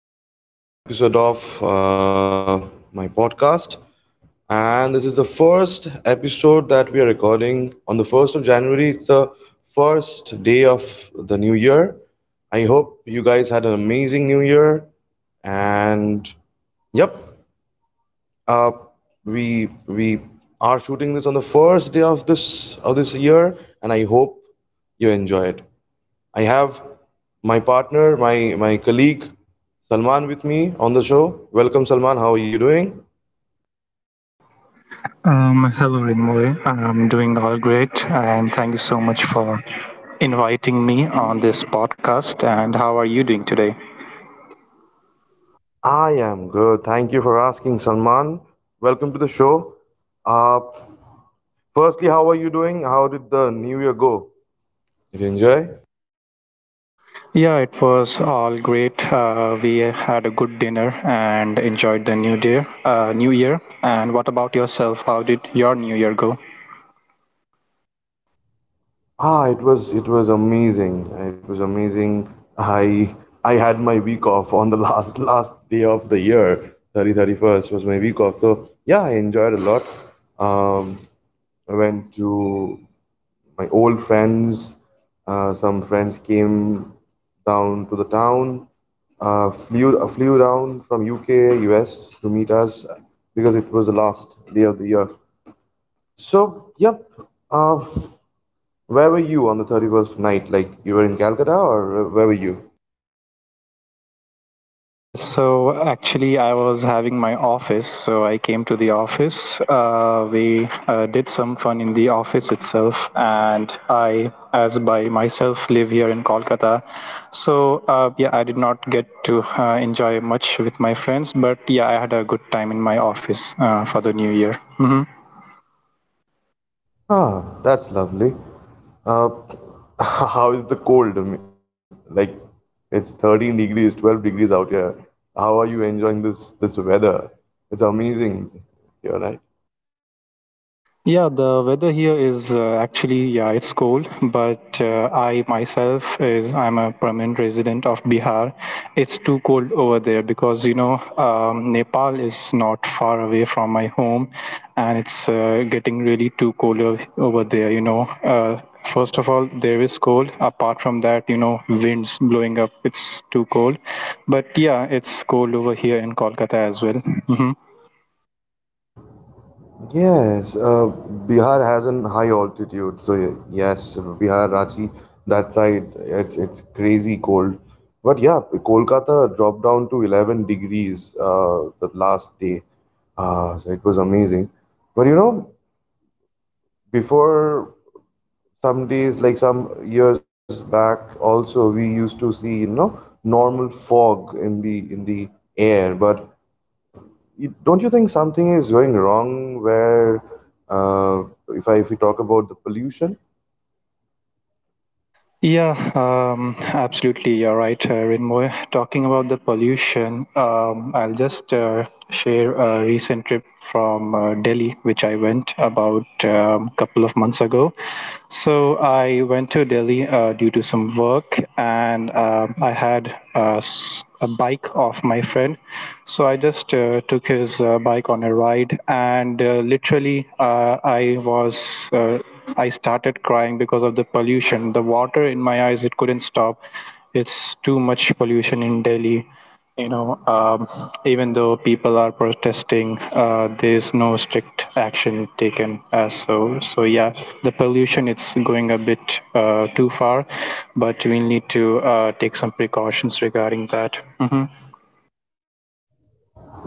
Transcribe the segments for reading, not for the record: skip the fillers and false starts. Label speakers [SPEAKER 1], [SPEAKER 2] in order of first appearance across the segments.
[SPEAKER 1] to another episode of my podcast. And this is the first episode that we are recording on the 1st of January. It's the first day of the new year. I hope you guys had an amazing new year. And yep, uh, we are shooting this on the first day of this year, and I hope you enjoy it. I have my partner, my colleague Salman with me on the show. Welcome, Salman. How are you doing?
[SPEAKER 2] Hello, Rinmoy. I'm doing all great, and thank you so much for inviting me on this podcast. And how are you doing today?
[SPEAKER 1] I am good. Thank you for asking, Salman. Welcome to the show. Uh, Firstly, how are you doing? How did the new year go? Did you enjoy?
[SPEAKER 2] Yeah, it was all great. We had a good dinner and enjoyed the new year. And what about yourself? How did your new year go?
[SPEAKER 1] Ah, it was amazing. It was amazing. I I had my week off on the last day of the year. 30, 31st was my week off. So yeah, I enjoyed a lot. Um, I went to my old friends. Some friends came down to the town, flew down from UK, US to meet us because it was the last day of the year. So yep. Uh, where were you on the 31st night? Like, you were in Calcutta, or where were you?
[SPEAKER 2] Yes, so actually, I was having my office, so I came to the office. We did some fun in the office itself, and I, as by myself, live here in Kolkata. So, yeah, I did not get to enjoy much with my friends, but yeah, I had a good time in my office for the new year. Hmm.
[SPEAKER 1] Ah, that's lovely. Uh, how is the cold? I mean, like, it's 13 degrees, 12 degrees out here. How are you enjoying this weather? It's amazing here, right?
[SPEAKER 2] Yeah, the weather here is actually, yeah, it's cold, but I myself is I'm a permanent resident of Bihar. It's too cold over there because, you know, Nepal is not far away from my home, and it's getting really too cold over there. You know, uh, first of all, there is cold. Apart from that, you know, winds blowing up, it's too cold. But yeah, it's cold over here in Kolkata as well. Mm-hmm.
[SPEAKER 1] Yes, Bihar has an high altitude, so yes, Bihar, Ranchi, that side, it's crazy cold. But yeah, Kolkata dropped down to 11 degrees the last day, so it was amazing. But, before some days, like some years back, also we used to see normal fog in the air. But don't you think something is going wrong where, uh, if we talk about the pollution?
[SPEAKER 2] Yeah, absolutely. You're right, Rinmoy. Talking about the pollution, I'll just share a recent trip from Delhi, which I went about a couple of months ago. So I went to Delhi due to some work, and um, I had a bike of my friend. So I just took his bike on a ride, and literally, I was uh, I started crying because of the pollution. The water in my eyes, it couldn't stop. It's too much pollution in Delhi. You know, even though people are protesting, there's no strict action taken. So yeah, the pollution, it's going a bit too far, but we need to take some precautions regarding that. Mhm.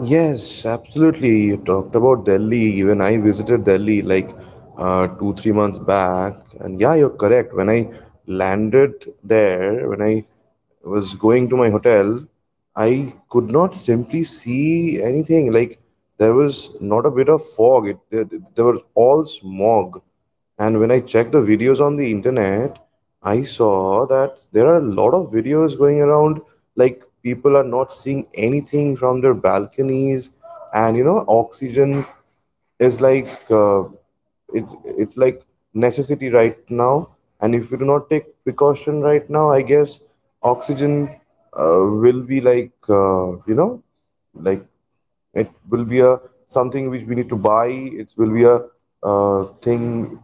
[SPEAKER 1] Yes, absolutely. You talked about Delhi. Even I visited Delhi, like, two, 3 months back. And yeah, you're correct. When I landed there, when I was going to my hotel, I could not simply see anything. Like, there was not a bit of fog. There was all smog. And when I checked the videos on the internet, I saw that there are a lot of videos going around, like people are not seeing anything from their balconies. And oxygen is like, it's like necessity right now. And if you do not take precaution right now, I guess oxygen will be like, like, it will be a something which we need to buy. It will be a thing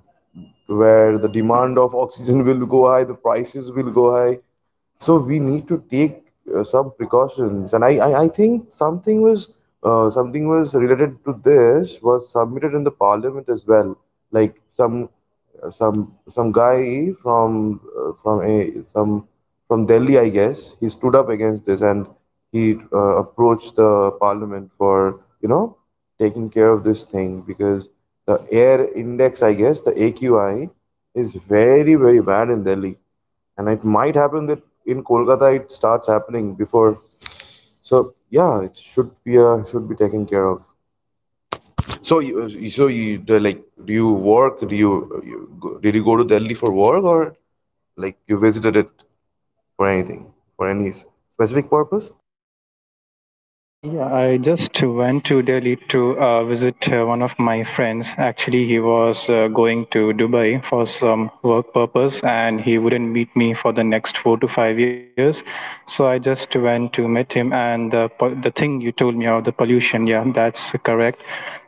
[SPEAKER 1] where the demand of oxygen will go high, the prices will go high, so we need to take some precautions. And I think something was related to this, was submitted in the parliament as well, like some some guy from a some from Delhi, I guess, he stood up against this, and he approached the parliament for taking care of this thing, because the air index, I guess, the AQI is very very bad in Delhi, and it might happen that in Kolkata it starts happening before. So yeah, it should be taken care of. So you, the, like, do you work? Do you, you go, did you go to Delhi for work, or like you visited it for anything, for any specific purpose?
[SPEAKER 2] Yeah, I just went to Delhi to visit one of my friends. Actually, he was going to Dubai for some work purpose, and he wouldn't meet me for the next 4 to 5 years. So I just went to meet him. And the thing you told me of the pollution, yeah, that's correct.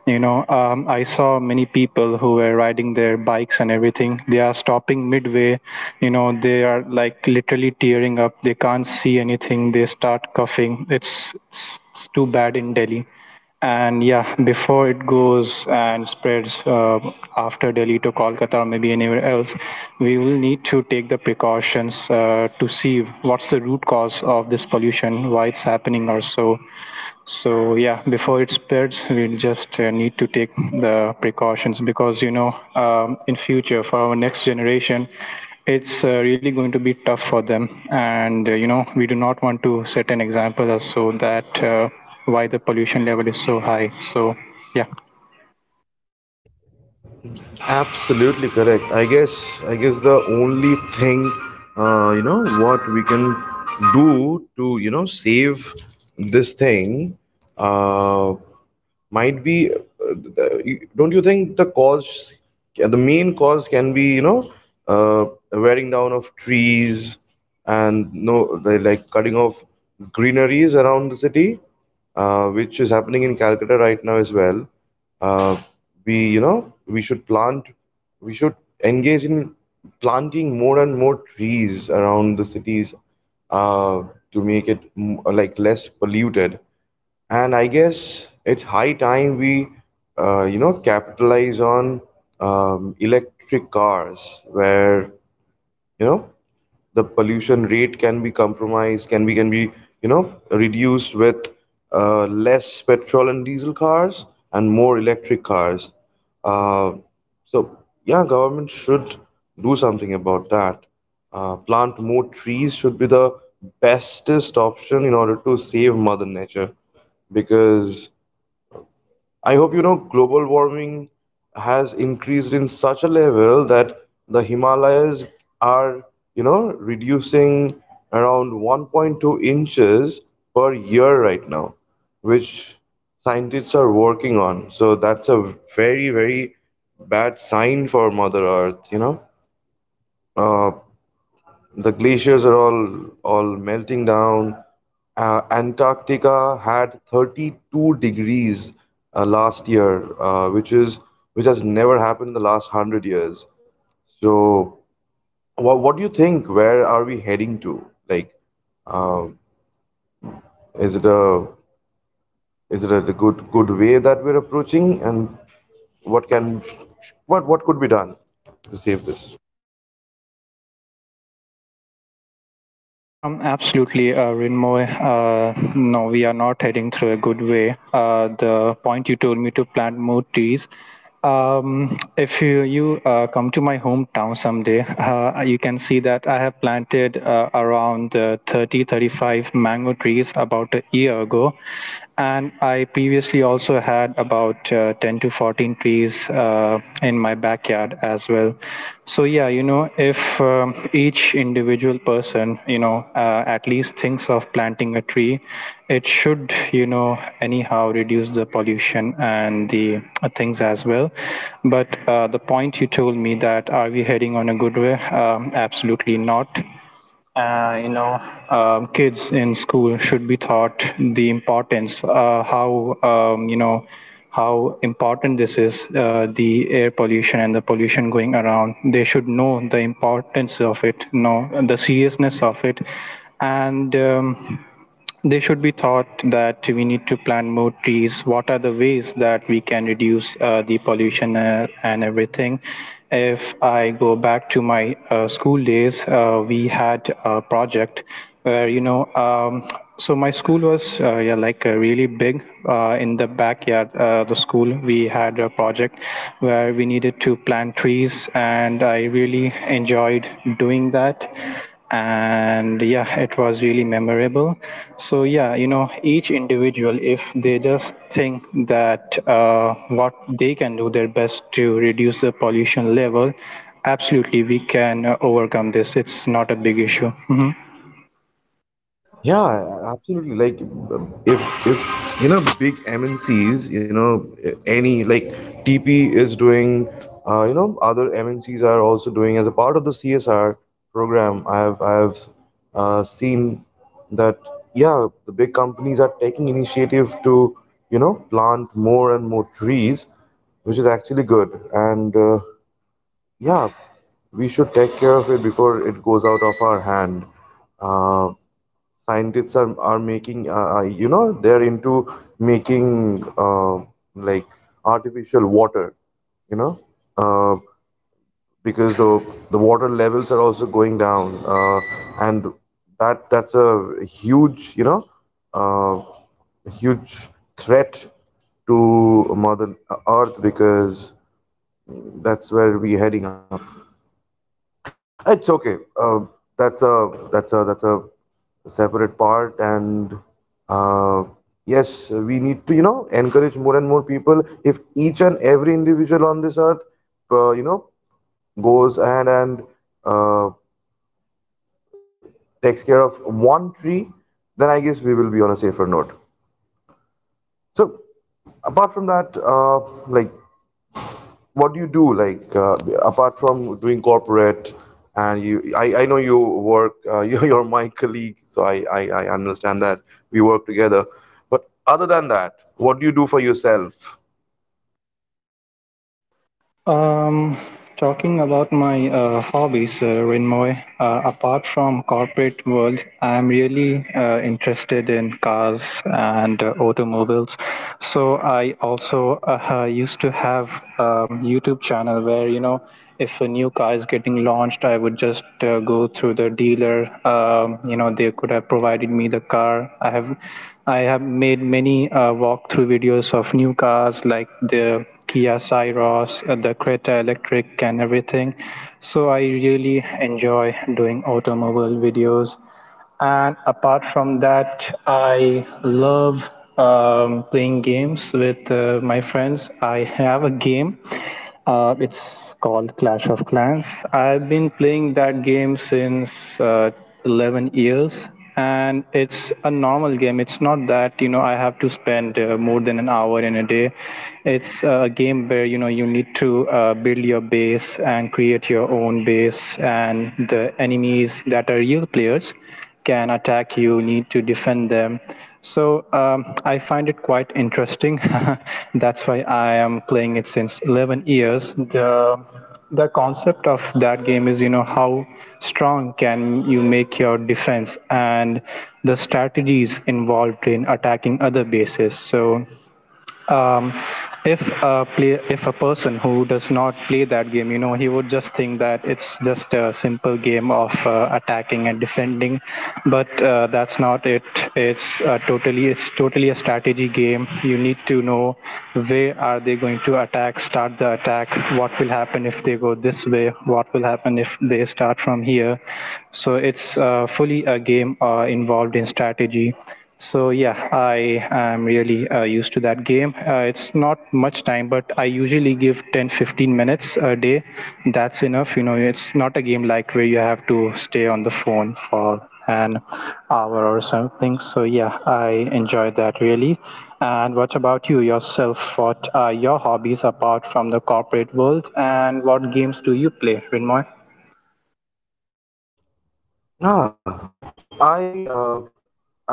[SPEAKER 2] You know, I saw many people who were riding their bikes and everything. They are stopping midway. You know, they are like literally tearing up. They can't see anything. They start coughing. It's too bad in Delhi. And yeah, before it goes and spreads after Delhi to Kolkata or maybe anywhere else, we will need to take the precautions to see what's the root cause of this pollution, why it's happening or so. So yeah, before it spreads, we just need to take the precautions because, you know, in future for our next generation, it's really going to be tough for them, and you know, we do not want to set an example as so that why the pollution level is so high. So yeah.
[SPEAKER 1] Absolutely correct. I guess the only thing, what we can do to save this thing, uh, might be, don't you think the cause, the main cause can be, uh, wearing down of trees and, no, they like cutting off greeneries around the city, which is happening in Calcutta right now as well. uh, we you know We should plant, we should engage in planting more and more trees around the cities, uh, to make it like less polluted. And I guess it's high time we, capitalize on electric cars, where, you know, the pollution rate can be compromised, can be, you know, reduced with less petrol and diesel cars and more electric cars. Uh, so yeah, government should do something about that. Plant more trees should be the bestest option in order to save Mother Nature, because I hope you know global warming has increased in such a level that the Himalayas are, you know, reducing around 1.2 inches per year right now, which scientists are working on. So that's a very, very bad sign for Mother Earth, you know. Uh, the glaciers are all melting down. Antarctica had 32 degrees last year, uh, which is which has never happened in the last 100 years. So, what do you think? Where are we heading to? Like, uh, is it a is it a good way that we're approaching? And what can what could be done to save this?
[SPEAKER 2] Absolutely, Rinmoy. No, we are not heading through a good way. The point you told me to plant more trees. If you, you come to my hometown someday, you can see that I have planted around 30 35 mango trees about a year ago. And I previously also had about 10 to 14 trees in my backyard as well. So yeah, you know, if each individual person, you know, at least thinks of planting a tree, it should, you know, anyhow reduce the pollution and the things as well. But the point you told me that are we heading on a good way? Absolutely not. You know, kids in school should be taught the importance, how, you know, how important this is, the air pollution and the pollution going around. They should know the importance of it, know the seriousness of it, and they should be thought that we need to plant more trees. What are the ways that we can reduce the pollution and everything? If I go back to my school days, we had a project where, you know. So my school was yeah, like really big. In the backyard, the school, we had a project where we needed to plant trees, and I really enjoyed doing that, and yeah, it was really memorable. So yeah, you know, each individual, if they just think that what they can do their best to reduce the pollution level, absolutely we can overcome this. It's not a big issue. Mm-hmm.
[SPEAKER 1] Yeah, absolutely. Like, if you know, big MNCs, you know, any, like, TP is doing, you know, other MNCs are also doing as a part of the CSR program. I have seen that, yeah, the big companies are taking initiative to plant more and more trees, which is actually good. And yeah, we should take care of it before it goes out of our hand. Uh, Scientists are, making, they're into making, like, artificial water, you know uh, because the water levels are also going down, and that's a huge, uh, huge threat to Mother Earth, because that's where we're heading up. It's okay. That's a separate part, and, uh, yes, we need to encourage more and more people. If each and every individual on this earth, uh, you know, goes ahead and uh, takes care of one tree, then I guess we will be on a safer note. So, apart from that, like, what do you do, like, apart from doing corporate? And you I know you work, you're my colleague, so I understand that we work together. But other than that, what do you do for yourself?
[SPEAKER 2] Um, Talking about my hobbies, Renmoy, apart from corporate world, I'm really interested in cars and automobiles. So I also used to have YouTube channel where, you know, if a new car is getting launched, I would just go through the dealer. You know, they could have provided me the car. I have made many walkthrough videos of new cars, like the Kia Syros, the Creta Electric, and everything. So I really enjoy doing automobile videos. And apart from that, I love playing games with my friends. I have a game. It's called Clash of Clans. I've been playing that game since uh, 11 years, and it's a normal game. It's not that, you know, I have to spend more than an hour in a day. It's a game where, you know, you need to build your base and create your own base, and the enemies that are real players can attack. You need to defend them. So I find it quite interesting. That's why I am playing it since 11 years. The concept of that game is, you know, how strong can you make your defense and the strategies involved in attacking other bases. So um, if a play, if a person who does not play that game, you know, he would just think that it's just a simple game of attacking and defending, but that's not it. It's totally it's totally a strategy game. You need to know where are they going to attack, start the attack, what will happen if they go this way, what will happen if they start from here. So it's fully a game involved in strategy. So yeah, I am really used to that game. It's not much time, but I usually give 10 15 minutes a day. That's enough. You know, it's not a game like where you have to stay on the phone for an hour or something. So yeah, I enjoy that really. And what about you yourself? What are your hobbies apart from the corporate world? And what games do you play, Rinmoy?
[SPEAKER 1] Ah, I, uh,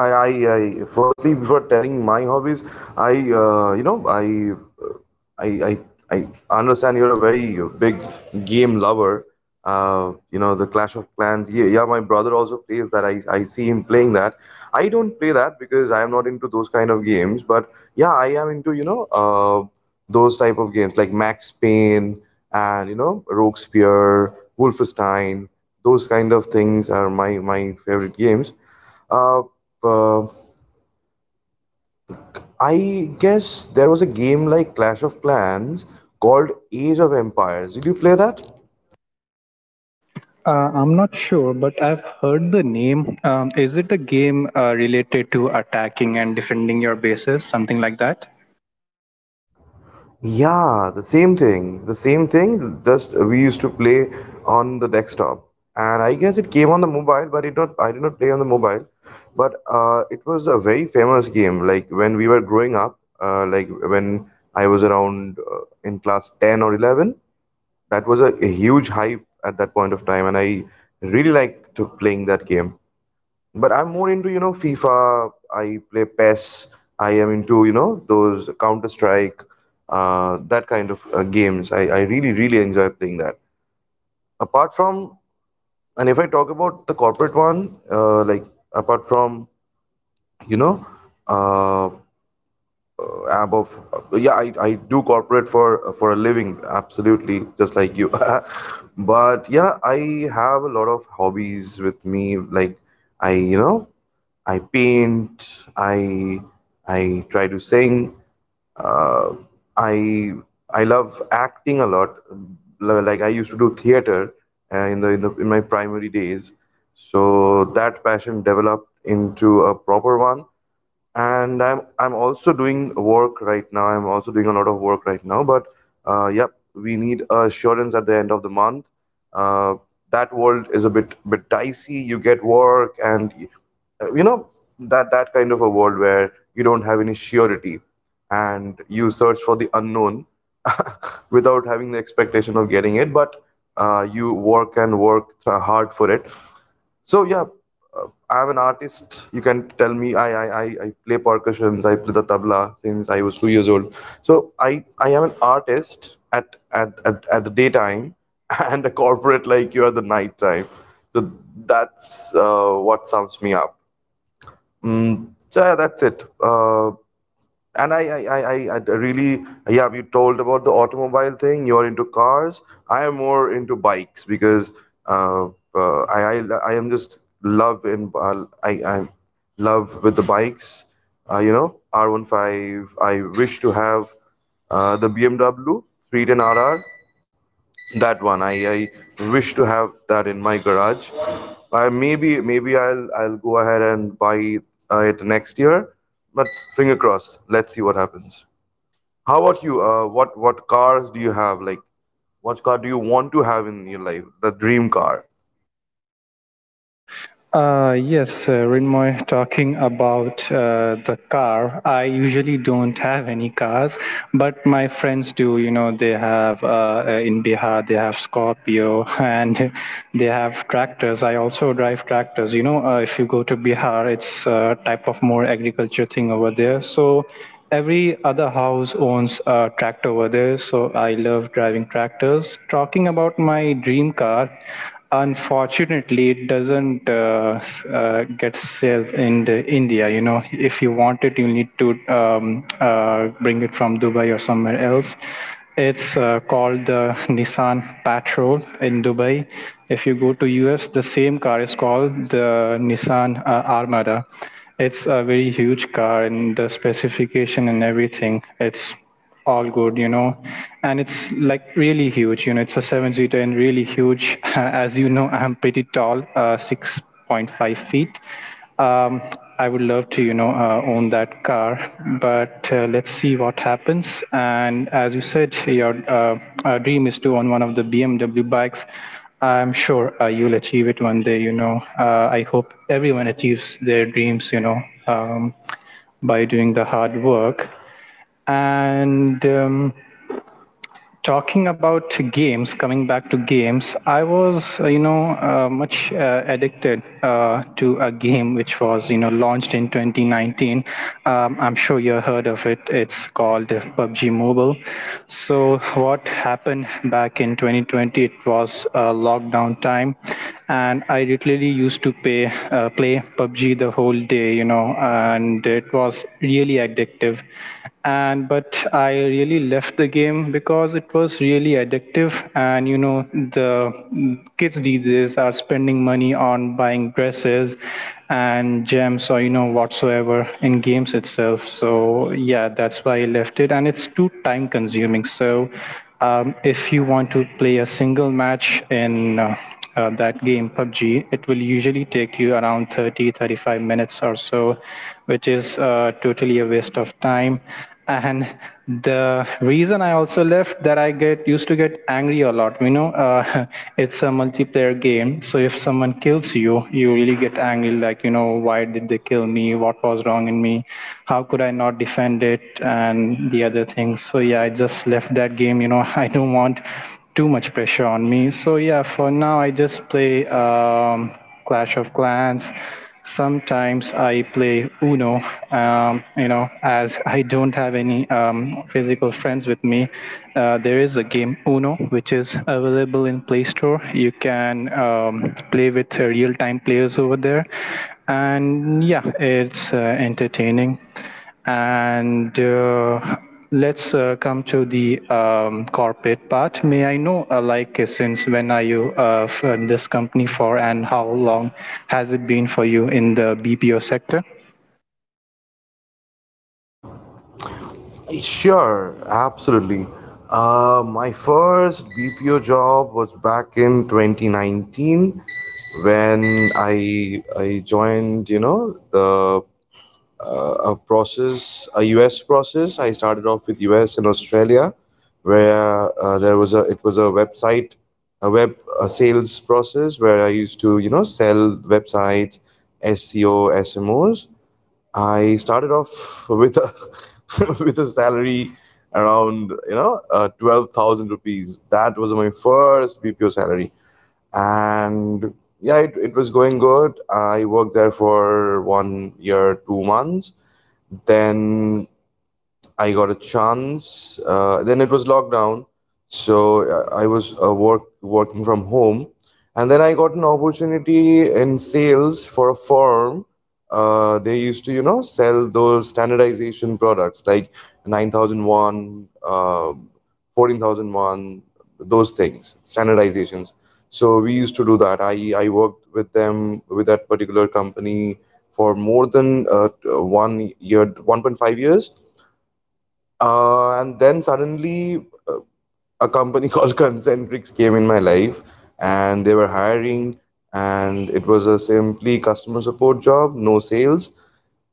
[SPEAKER 1] I, I, firstly, before telling my hobbies, I, you know, uh, I, I understand you're a very big game lover. You know, the Clash of Clans. Yeah, yeah, my brother also plays that. I see him playing that. I don't play that because I am not into those kind of games. But yeah, I am into, you know, those type of games, like Max Payne and Rogue Spear, Wolfenstein. Those kind of things are my favorite games. Uh, uh, I guess there was a game like Clash of Clans called Age of Empires. Did you play that?
[SPEAKER 2] I'm not sure, but I've heard the name. Is it a game related to attacking and defending your bases, something like that?
[SPEAKER 1] Yeah, the same thing. The same thing. Just, we used to play on the desktop, and I guess it came on the mobile, but it not. I did not play on the mobile, but it was a very famous game. Like, when we were growing up, like when I was around, in class 10 or 11, that was a huge hype at that point of time, and I really liked to playing that game. But I'm more into, you know, FIFA. I play PES. I am into, you know, those Counter Strike, that kind of games. I really, really enjoy playing that. Apart from, and if I talk about the corporate one, like, apart from, you know, uh, above, yeah, I do corporate for a living, absolutely, just like you. But yeah, I have a lot of hobbies with me. Like, I, you know, I paint. I try to sing. uh, i I love acting a lot. Like, I used to do theater in the in the in my primary days, so that passion developed into a proper one. And I'm also doing work right now. I'm also doing a lot of work right now. But, yep, we need assurance at the end of the month. Uh, that world is a bit dicey. You get work, and you know, that kind of a world where you don't have any surety, and you search for the unknown without having the expectation of getting it. But you work and work hard for it, so yeah, I'm an artist. You can tell me. I play percussions. I play the tabla since I was 2 years old. So I am an artist at the daytime and a corporate like you at the night time. So that's what sums me up. Mm, so yeah, that's it. And I really, Yeah, you told about the automobile thing. You're into cars. I am more into bikes because uh, I am just love in, I love with the bikes. You know, R15. I wish to have the BMW 310 RR. That one, I wish to have that in my garage. I maybe I'll go ahead and buy it next year, but finger crossed. Let's see what happens. How about you? What cars do you have? Like, what car do you want to have in your life? The dream car.
[SPEAKER 2] Yes, Rinmoy, talking about the car. I usually don't have any cars, but my friends do. You know, they have in Bihar, they have Scorpio and they have tractors. I also drive tractors. You know, if you go to Bihar, it's a type of more agriculture thing over there. So every other house owns a tractor over there. So I love driving tractors. Talking about my dream car, unfortunately, it doesn't get sold in the India. You know, if you want it, you need to bring it from Dubai or somewhere else. It's called the Nissan Patrol in Dubai. If you go to US, the same car is called the Nissan Armada. It's a very huge car, and the specification and everything, it's all good, you know. And it's like really huge, you know. It's a seven seater and really huge. As you know, I'm pretty tall, 6.5 feet. Um, I would love to, you know, own that car, but let's see what happens. And as you said, your dream is to own one of the BMW bikes. I'm sure you'll achieve it one day, you know. I hope everyone achieves their dreams, you know, um, by doing the hard work. And talking about games, coming back to games, I was, you know, much addicted to a game which was, you know, launched in 2019. I'm sure you heard of it. It's called PUBG Mobile. So what happened back in 2020? It was lockdown time, and I literally used to play PUBG the whole day, you know, and it was really addictive and but I really left the game because it was really addictive. And you know the kids these days are spending money on buying dresses and gems or you know whatsoever in games itself. So yeah, that's why I left it, and it's too time consuming. So if you want to play a single match in that game PUBG, it will usually take you around 30 35 minutes or so, which is totally a waste of time. And the reason I also left that I get used to get angry a lot. You know, it's a multiplayer game, so if someone kills you, you really get angry. Like, you know, why did they kill me? What was wrong in me? How could I not defend it? And the other things. So yeah, I just left that game. I don't want too much pressure on me. So yeah, for now I just play Clash of Clans. Sometimes I play Uno. You know, as I don't have any physical friends with me, there is a game Uno which is available in Play Store. You can play with real-time players over there, and yeah, it's entertaining. And Let's come to the corporate part. May I know, since when are you in this company for, and how long has it been for you in the BPO sector?
[SPEAKER 1] Sure, absolutely. My first BPO job was back in 2019 when I joined, you know, the a process, a US process. I started off with US and Australia, where there was a it was a website, a sales process where I used to you know sell websites, SEO, SMOs. I started off with a with a salary around you know 12,000 rupees. That was my first BPO salary, and yeah, it was going good. I worked there for 1 year, 2 months, then I got a chance. Then it was lockdown, so I was working from home, and then I got an opportunity in sales for a firm. They used to, you know, sell those standardization products like 9001, 14001, those things, standardizations. So we used to do that. I worked with them, with that particular company for more than 1 year, 1.5 years. And then suddenly, a company called Concentrix came in my life, and they were hiring, and it was a simply customer support job, no sales.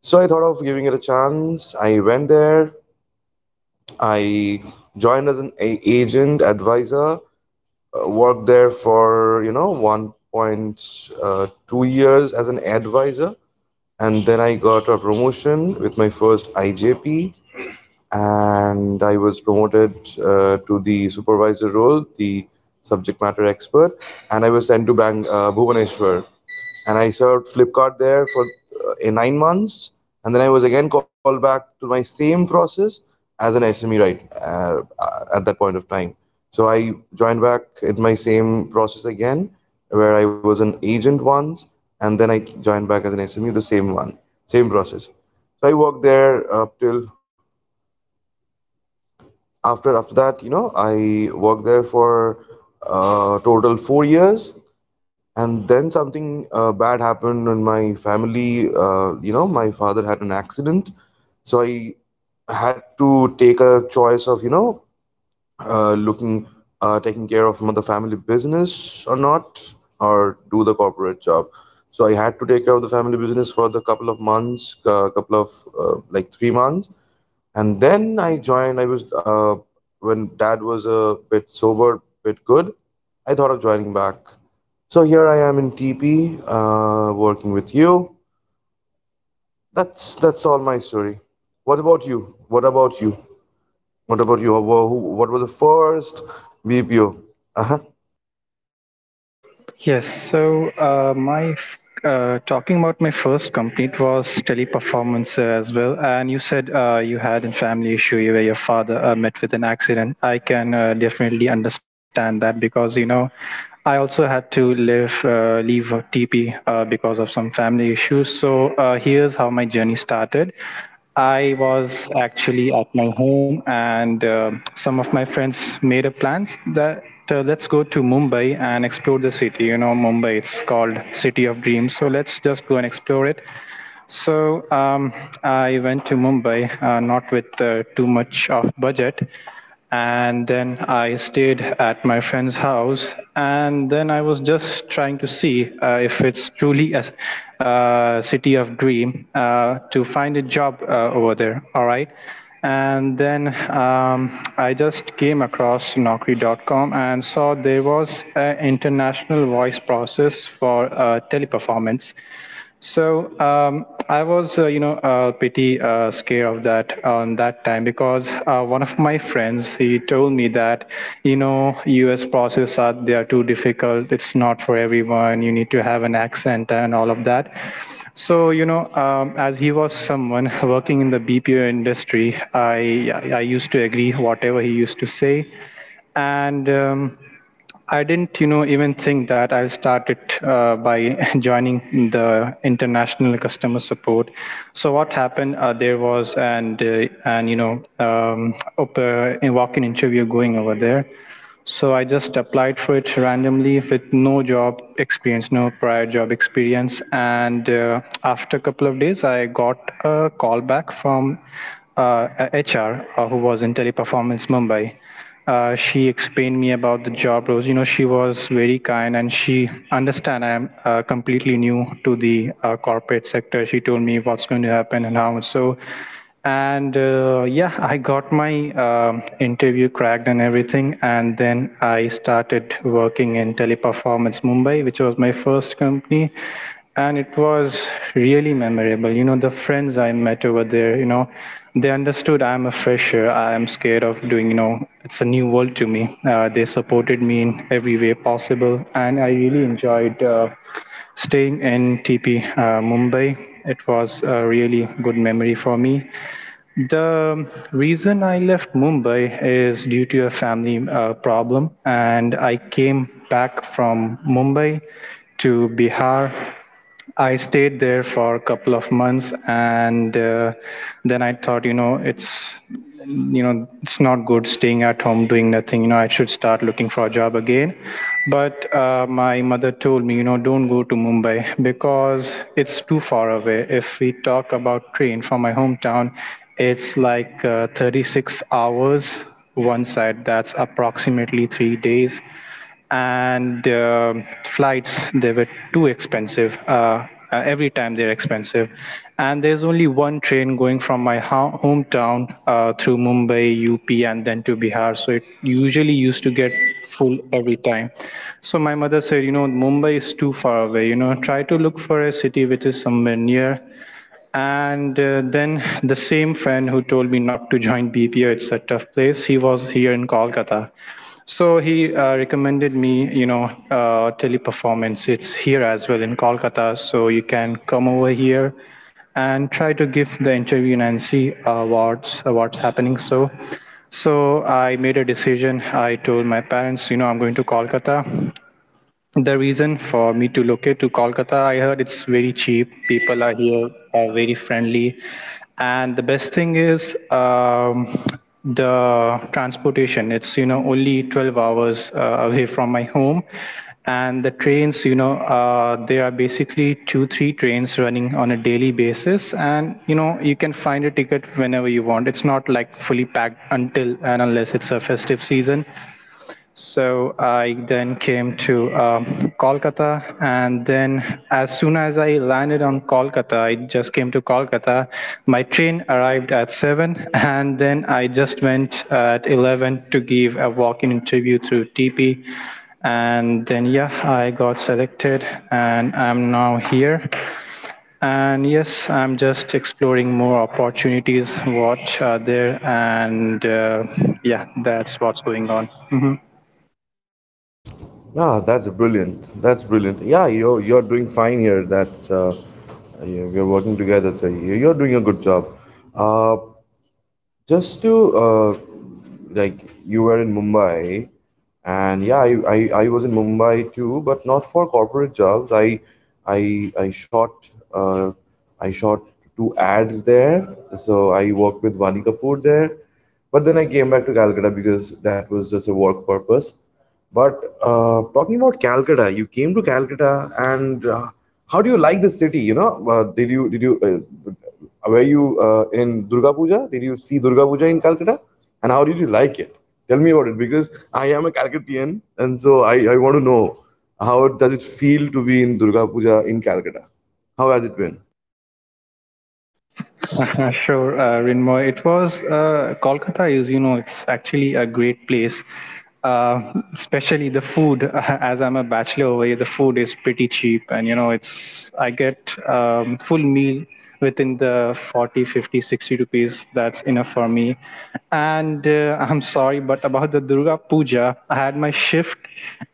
[SPEAKER 1] So I thought of giving it a chance. I went there. I joined as an agent advisor. Worked there for you know 1.2 years as an advisor, and then I got a promotion with my first IJP and I was promoted to the supervisor role, the subject matter expert, and I was sent to Bhubaneswar. And I served Flipkart there for in 9 months, and then I was again called back to my same process as an SME right at that point of time. So I joined back in my same process again, where I was an agent once, and then I joined back as an SME, the same one, same process. So I worked there up till after that, you know, I worked there for total 4 years, and then something bad happened in my family. You know, my father had an accident, so I had to take a choice of you know looking taking care of the family business or not, or do the corporate job. So I had to take care of the family business for the couple of months, couple of like 3 months, and then I joined. I was when dad was a bit sober, bit good. I thought of joining back. So here I am in TP, working with you. That's all my story. What about you? What about you? What about you? What was the first BPO? Uh huh.
[SPEAKER 2] Yes, so talking about my first company, it was Teleperformance as well. And you said you had a family issue where your father met with an accident. I can definitely understand that, because you know I also had to live leave TP because of some family issues. So here's how my journey started. I was actually at my home, and some of my friends made a plans that let's go to Mumbai and explore the city. You know, Mumbai it's called City of Dreams, so let's just go and explore it. So I went to Mumbai, not with too much of budget, and then I stayed at my friend's house, and then I was just trying to see if it's truly a city of dream to find a job over there. All right, and then I just came across Naukri.com and saw there was an international voice process for Teleperformance. So I was, pretty scared of that on that time, because one of my friends he told me that, you know, U.S. process are they are too difficult. It's not for everyone. You need to have an accent and all of that. So you know, as he was someone working in the BPO industry, I used to agree whatever he used to say, and. I didn't, you know, even think that. I started by joining the international customer support. So what happened? There was and you know, a walk-in interview going over there. So I just applied for it randomly with no job experience, no prior job experience. And after a couple of days, I got a call back from a HR who was in Teleperformance Mumbai. She explained me about the job roles. You know, she was very kind and she understand I am completely new to the corporate sector. She told me what's going to happen and how. So and yeah, I got my interview cracked and everything. And then I started working in Teleperformance Mumbai, which was my first company. And it was really memorable. You know, the friends I met over there, you know, they understood I'm a fresher. I'm scared of doing, you know, it's a new world to me. They supported me in every way possible. And I really enjoyed. Staying in TP Mumbai, it was a really good memory for me. The reason I left Mumbai is due to a family problem, and I came back from Mumbai to Bihar. I stayed there for a couple of months, and then I thought, you know, it's not good staying at home doing nothing. You know, I should start looking for a job again. But my mother told me, you know, don't go to Mumbai because it's too far away. If we talk about train from my hometown, it's like 36 hours one side. That's approximately 3 days, and flights they were too expensive. Every time they're expensive, and there's only one train going from my hometown through Mumbai up and then to Bihar, so it usually used to get full every time. So my mother said, you know, Mumbai is too far away, you know, try to look for a city which is somewhere near. And then the same friend who told me not to join BPO, it's a tough place, he was here in Kolkata. So he recommended me, you know, Teleperformance. It's here as well in Kolkata. So you can come over here and try to give the interview and see what's happening. So I made a decision. I told my parents, you know, I'm going to Kolkata. The reason for me to locate to Kolkata, I heard it's very cheap. People are here, are very friendly, and the best thing is the transportation. It's you know only 12 hours away from my home, and the trains. You know, there are basically two, three trains running on a daily basis, and you know you can find a ticket whenever you want. It's not like fully packed until and unless it's a festive season. So I then came to Kolkata, and then as soon as I landed on Kolkata, I just came to Kolkata. My train arrived at 7, and then I just went at 11 to give a walk-in interview through TP, and then yeah, I got selected, and I'm now here. And yes, I'm just exploring more opportunities, what are there, and yeah, that's what's going on. Mhm.
[SPEAKER 1] Ah, that's brilliant. That's brilliant. Yeah, you're doing fine here. That's we're working together. So you're doing a good job. Uh, just to uh, like, you were in Mumbai, and yeah, I was in Mumbai too, but not for corporate jobs. I I shot uh, I shot two ads there, so I worked with Vani Kapoor there. But then I came back to Calcutta because that was just a work purpose. But talking about Calcutta, you came to Calcutta, and how do you like the city? You know, did you were you in Durga Puja? Did you see Durga Puja in Calcutta? And how did you like it? Tell me about it because I am a Calcuttian, and so I want to know how does it feel to be in Durga Puja in Calcutta? How has it been?
[SPEAKER 2] Sure, Rinmoy. It was Kolkata is, you know, it's actually a great place. Uh, Especially the food. As I'm a bachelor over here, the food is pretty cheap, and you know, it's I get full meal within the 40, 50, 60 rupees. That's enough for me. And I'm sorry, but about the Durga Puja puja. I had my shift,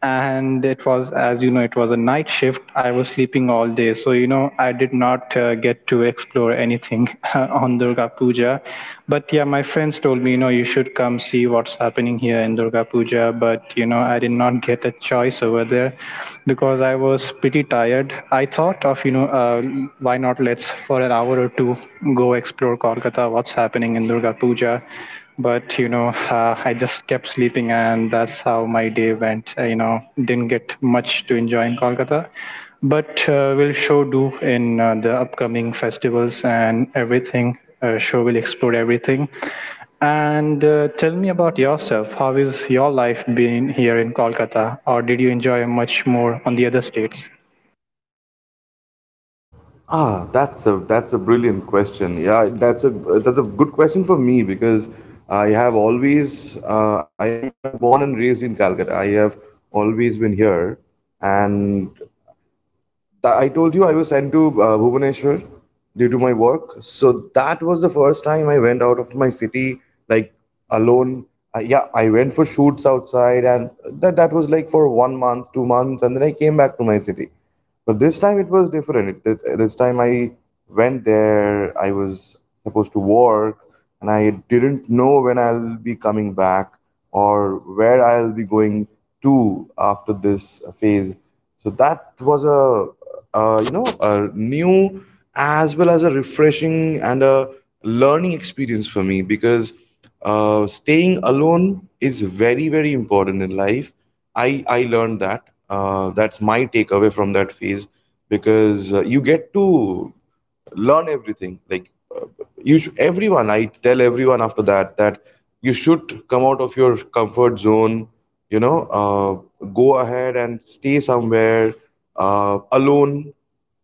[SPEAKER 2] and it was, as you know, it was a night shift. I was sleeping all day, so you know, I did not get to explore anything on Durga Puja. But yeah, my friends told me, you know, you should come see what's happening here in Durga Puja. But you know, I did not get a choice over there because I was pretty tired. I thought of, you know, why not let's for an hour or two go explore Kolkata, what's happening in Durga Puja. But you know I just kept sleeping, and that's how my day went. I, you know, didn't get much to enjoy in Kolkata. But will show do in the upcoming festivals and everything, show will explore everything. And tell me about yourself, how is your life been here in Kolkata, or did you enjoy much more on the other states?
[SPEAKER 1] Ah, that's a brilliant question. Yeah, that's a good question for me because I have always I'm born and raised in Calcutta. I have always been here, and I told you I was sent to Bhubaneswar due to my work. So that was the first time I went out of my city, like, alone. Yeah, I went for shoots outside, and that was like for 1 month, 2 months, and then I came back to my city. But this time it was different. This time I went there. I was supposed to work, and I didn't know when I'll be coming back or where I'll be going to after this phase. So that was a, you know, a new as well as a refreshing and a learning experience for me because staying alone is very important in life. I learned that. Uh, that's my takeaway from that phase because you get to learn everything. Like, everyone, I tell everyone after that, that you should come out of your comfort zone. You know, go ahead and stay somewhere alone.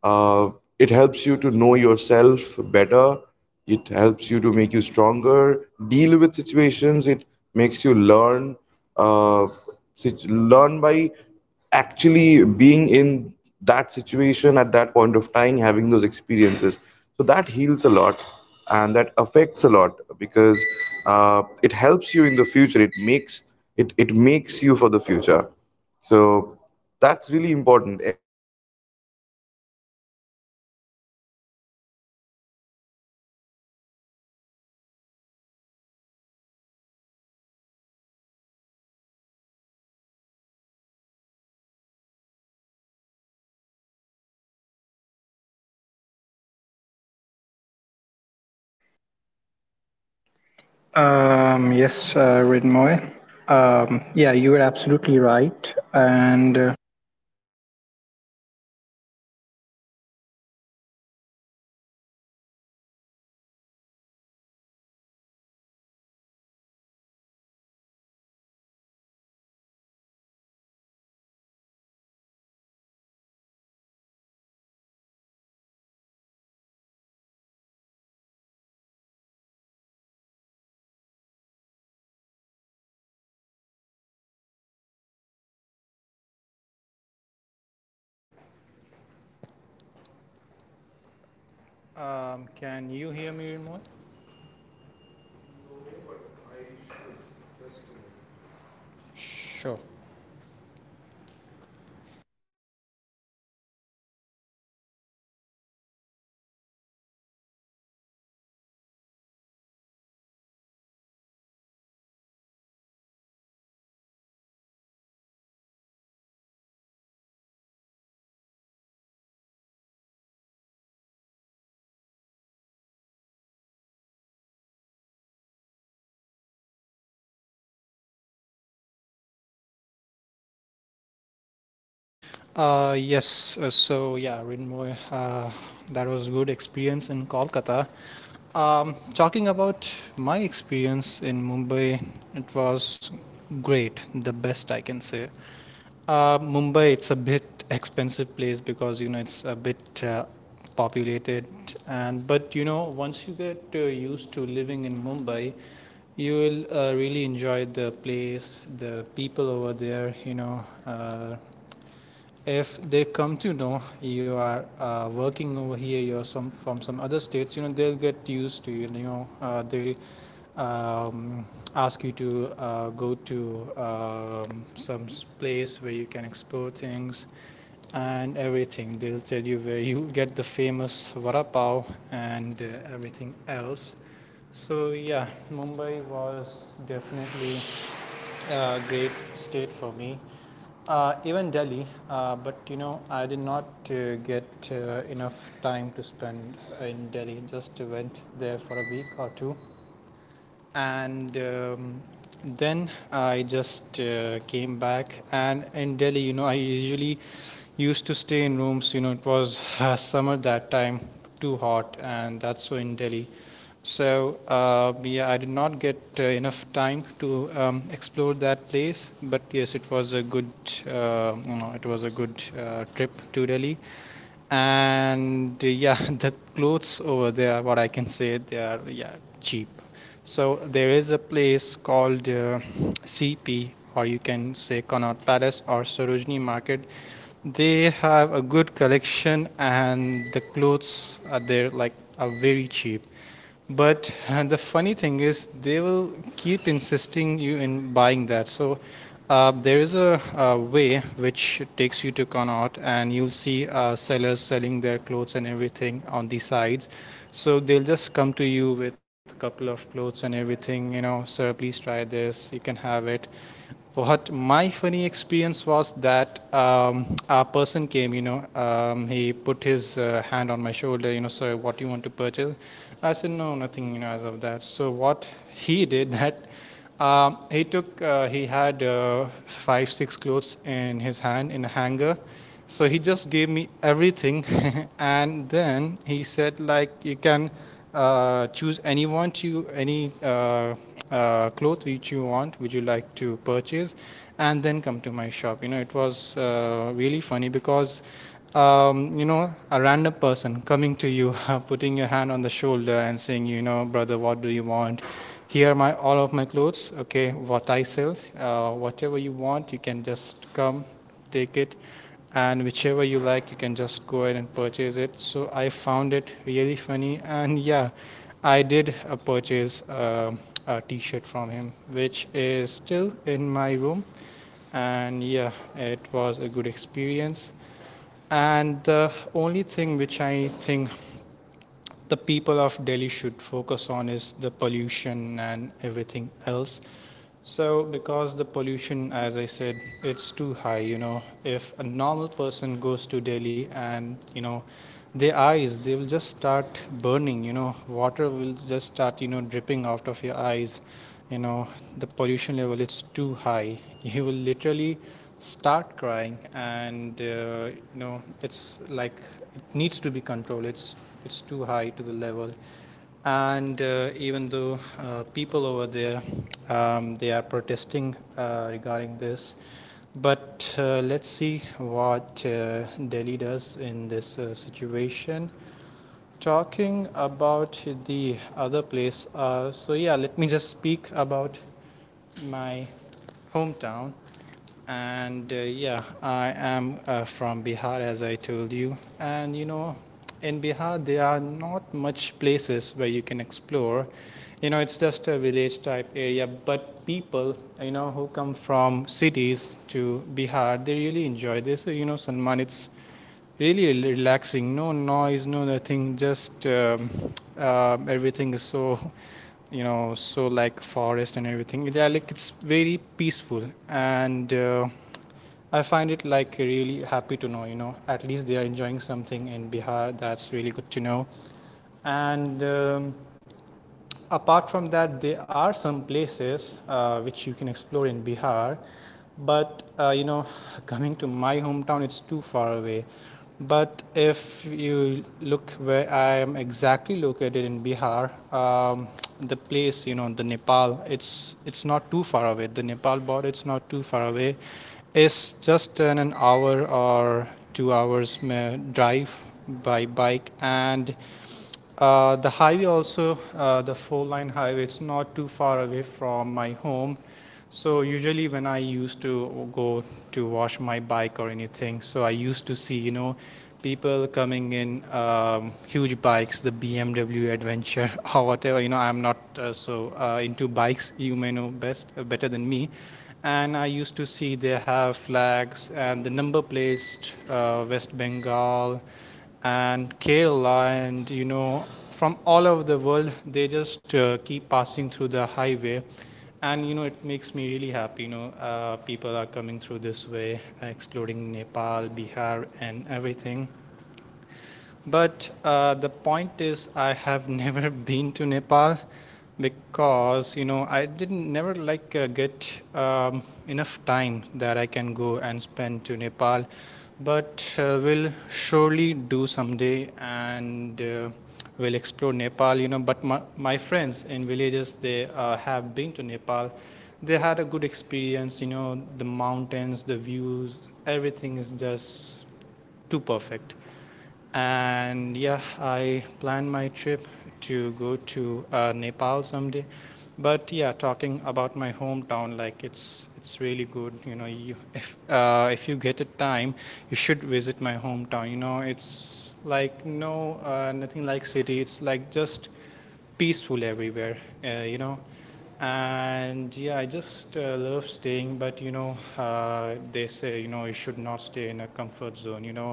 [SPEAKER 1] Uh, it helps you to know yourself better. It helps you to make you stronger, deal with situations. It makes you learn, uh, learn by actually being in that situation at that point of time, having those experiences. So that heals a lot, and that affects a lot because it helps you in the future. It
[SPEAKER 2] Yes, Rinmoy. Yeah, you were absolutely right, and um, can you hear me, Rinmoy? Sure. Yes. So yeah, Rinmoy, that was good experience in Kolkata. Talking about my experience in Mumbai, it was great, the best I can say. Mumbai, it's a bit expensive place because you know it's a bit populated, and but you know once you get used to living in Mumbai, you will really enjoy the place, the people over there. You know, uh, if they come to know you are working over here, you're some from some other states. You know, they'll get used to you. You know, they'll um, ask you to go to place where you can explore things and everything. They'll tell you where you get the famous vada pav and everything else. So yeah, Mumbai was definitely great state for me. Even Delhi, but you know, I did not get enough time to spend in Delhi. Just went there for a week or two, and then I just came back. And in Delhi, you know, I usually used to stay in rooms. You know, it was summer that time, too hot and that's so in Delhi. So yeah, I did not get enough time to explore that place, but yes, it was a good, it was a good trip to Delhi. And yeah, the clothes over there, what I can say, they are, yeah, cheap. So there is a place called CP, or you can say Connaught Palace or Sarojini Market. They have a good collection and the clothes are there, like, are very cheap. But the funny thing is they will keep insisting you in buying that. So there is a, way which takes you to Connaught and you'll see sellers selling their clothes and everything on the sides. So they'll just come to you with couple of clothes and everything, you know, sir, please try this, you can have it. What my funny experience was that a person came, you know, he put his hand on my shoulder, you know, sir, what do you want to purchase? I said, no, nothing, you know, as of that. So what he did that, he took, he had five, six clothes in his hand in a hanger. So he just gave me everything, and then he said, like, you can choose any one, to any cloth which you want, would you like to purchase and then come to my shop. You know, it was really funny because you know, a random person coming to you putting your hand on the shoulder and saying, you know, brother, what do you want, here are my, all of my clothes, okay, what I sell, whatever you want you can just come, take it, and whichever you like you can just go ahead and purchase it. So I found it really funny. And yeah, I did purchase a t-shirt from him which is still in my room. And yeah, it was a good experience. And the only thing which I think the people of Delhi should focus on is the pollution and everything else. So, because the pollution, as I said, it's too high, you know, if a normal person goes to Delhi and, you know, their eyes, they will just start burning, you know, water will just start, you know, dripping out of your eyes. You know, the pollution level, it's too high. You will literally start crying and, you know, it's like it needs to be controlled. It's too high to the level. And even though people over there, they are protesting regarding this, but let's see what Delhi does in this situation. Talking about the other place, so yeah, let me just speak about my hometown. And yeah, I am from Bihar, as I told you, and you know, in Bihar there are not much places where you can explore. You know, it's just a village type area, but people, you know, who come from cities to Bihar, they really enjoy this. So, you know, Salman, it's really relaxing, no noise, no nothing, just everything is so, you know, so like forest and everything. Yeah, like, it's very peaceful. And I find it like really happy to know, you know, at least they are enjoying something in Bihar. That's really good to know. And apart from that, there are some places which you can explore in Bihar, but you know, coming to my hometown, it's too far away. But if you look where I am exactly located in Bihar, the place, you know, the Nepal, it's not too far away. The Nepal border, it's not too far away, is just in an hour or 2 hours drive by bike. And the highway also, the four line highway, it's not too far away from my home. So usually when I used to go to wash my bike or anything, so I used to see, you know, people coming in huge bikes, the BMW Adventure or whatever. You know, I'm not so into bikes. You may know best, better than me. And I used to see they have flags and the number placed, West Bengal and Kerala, and you know, from all over the world they just keep passing through the highway. And you know, it makes me really happy, you know, people are coming through this way exploring Nepal, Bihar and everything. But the point is, I have never been to Nepal because, you know, I didn't never like get enough time that I can go and spend to Nepal. But will surely do someday, and will explore Nepal. You know, but my friends in villages, they have been to Nepal. They had a good experience. You know, the mountains, the views, everything is just too perfect. And yeah, I plan my trip to go to Nepal someday. But yeah, talking about my hometown, like, it's really good. You know, you, if you get a time, you should visit my hometown. You know, it's like no, nothing like city. It's like just peaceful everywhere. You know, and yeah, I just love staying. But you know, they say, you know, you should not stay in a comfort zone. You know,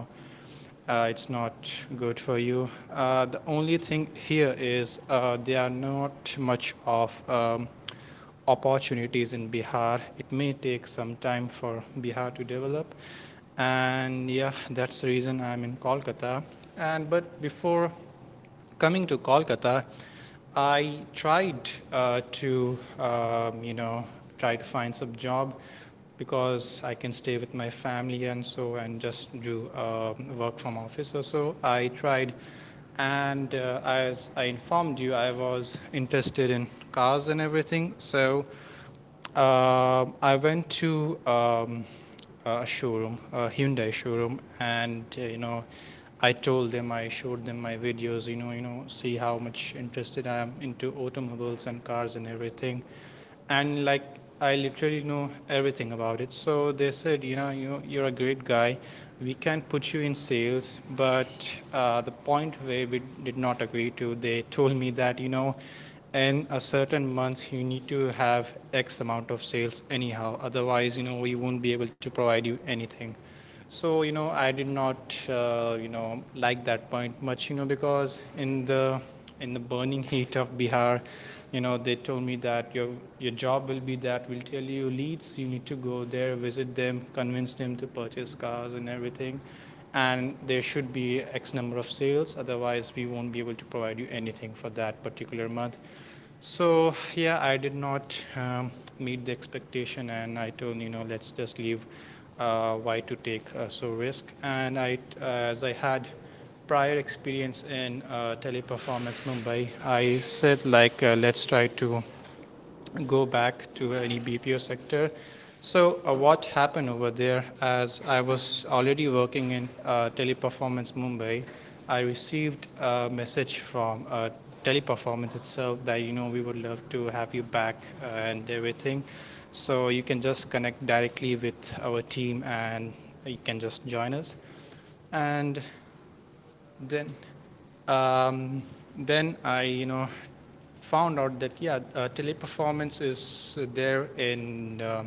[SPEAKER 2] it's not good for you. The only thing here is there are not much of opportunities in Bihar. It may take some time for Bihar to develop, and yeah, that's the reason I'm in Kolkata. And but before coming to Kolkata, I tried to you know, try to find some job because I can stay with my family and so and just do work from office or so. I tried, and as I informed you, I was interested in cars and everything. So I went to a showroom, a Hyundai showroom, and you know, I told them, I showed them my videos. You know, see how much interested I am into automobiles and cars and everything, and like, I literally know everything about it. So they said, you know, you're a great guy. We can put you in sales, but the point where we did not agree to, they told me that, you know, in a certain month you need to have x amount of sales anyhow, otherwise, you know, we won't be able to provide you anything. So you know, I did not you know, like that point much, you know, because in the, in the burning heat of Bihar, you know, they told me that your job will be that we'll tell you leads, you need to go there, visit them, convince them to purchase cars and everything, and there should be x number of sales, otherwise we won't be able to provide you anything for that particular month. So yeah, I did not meet the expectation, and I told, you know, let's just leave. Why to take so risk? And I, as I had prior experience in Teleperformance Mumbai, I said, like, let's try to go back to any BPO sector. So what happened over there? As I was already working in Teleperformance Mumbai, I received a message from Teleperformance itself that, you know, we would love to have you back and everything. So you can just connect directly with our team and you can just join us. And then um, then I, you know, found out that, yeah, Teleperformance is there in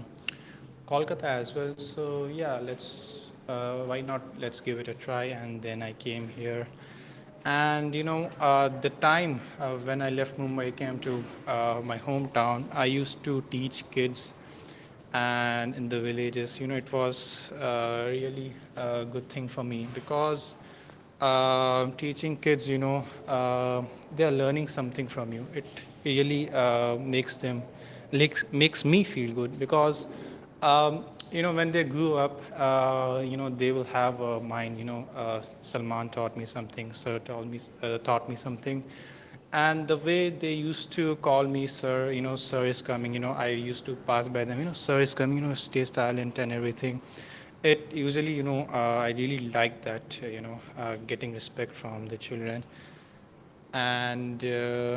[SPEAKER 2] Kolkata as well. So yeah, let's why not, let's give it a try. And then I came here, and you know, the time when I left Mumbai, I came to my hometown. I used to teach kids, and in the villages, you know, it was really a good thing for me because teaching kids, you know, uh, they are learning something from you, it really makes them, makes me feel good because um, you know, when they grew up, you know, they will have a mind, you know, Salman taught me something, sir taught me, taught me something. And the way they used to call me sir, you know, sir is coming, you know, I used to pass by them, you know, sir is coming, you know, stay silent and everything. It usually, you know, I really like that, getting respect from the children. And uh,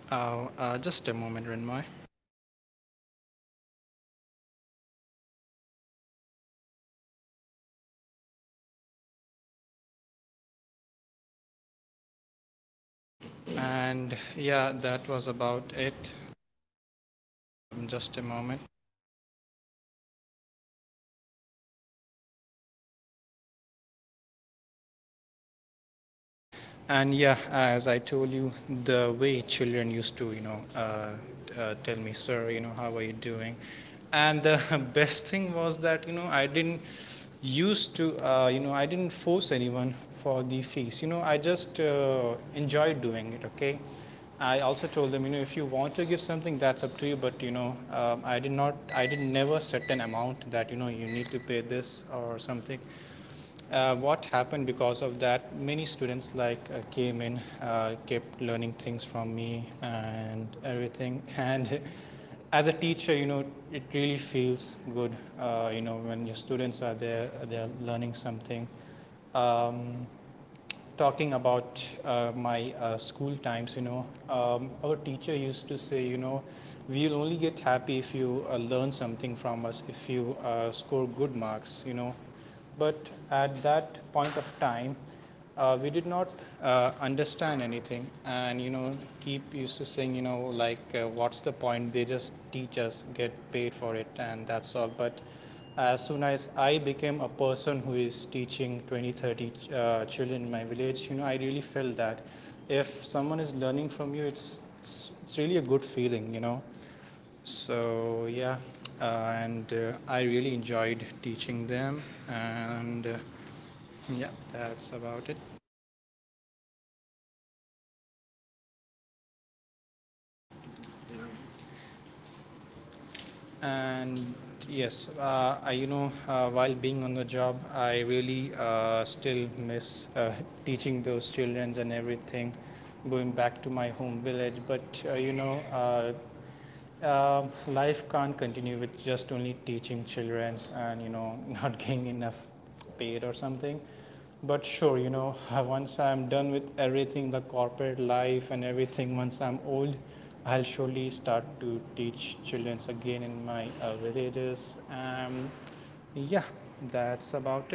[SPEAKER 2] uh, uh, just a moment, Renmai. And yeah, that was about it. Just a moment. And yeah, as I told you, the way children used to, you know, tell me, sir, you know, how are you doing? And the best thing was that, you know, I didn't used to, you know, I didn't force anyone for the fees. You know, I just enjoyed doing it, okay? I also told them, you know, if you want to give something, that's up to you. But you know, I did never set an amount that, you know, you need to pay this or something. What happened because of that? Many students, like, came in, kept learning things from me and everything. And as a teacher, you know, it really feels good. You know, when your students are there, they're learning something. Um, Talking about my school times, you know, our teacher used to say, you know, we'll only get happy if you learn something from us, if you score good marks, you know. But at that point of time, we did not understand anything, and you know, Keep used to saying, you know, like, what's the point? They just teach us, get paid for it, and that's all. But as soon as I became a person who is teaching 20, 30 children in my village, you know, I really felt that if someone is learning from you, it's really a good feeling, you know. So yeah, uh, and I really enjoyed teaching them, and yeah, that's about it. And yes, I, you know, while being on the job, I really still miss teaching those children and everything, going back to my home village. But uh, you know, uh, uh, life can't continue with just only teaching children and you know, not getting enough paid or something. But sure, you know, once I'm done with everything, the corporate life and everything, once I'm old, I'll surely start to teach children again in my villages. Yeah, that's about it.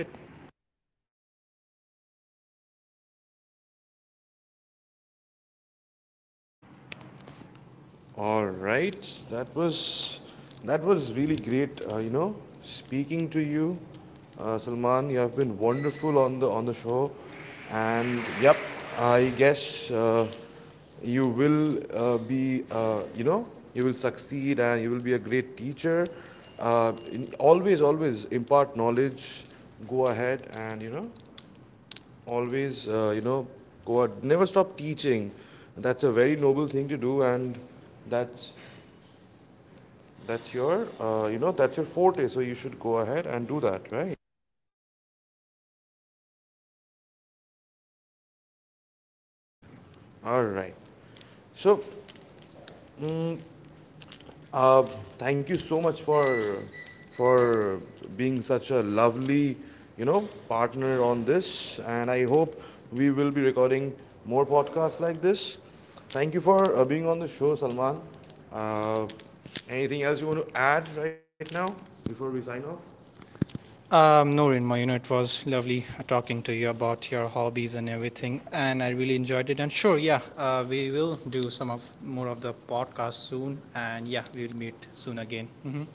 [SPEAKER 2] Noreen, my, you know, it was lovely talking to you about your hobbies and everything, and I really enjoyed it. And sure, yeah, we will do some of more of the podcast soon, and yeah, we'll meet soon again. Hmm.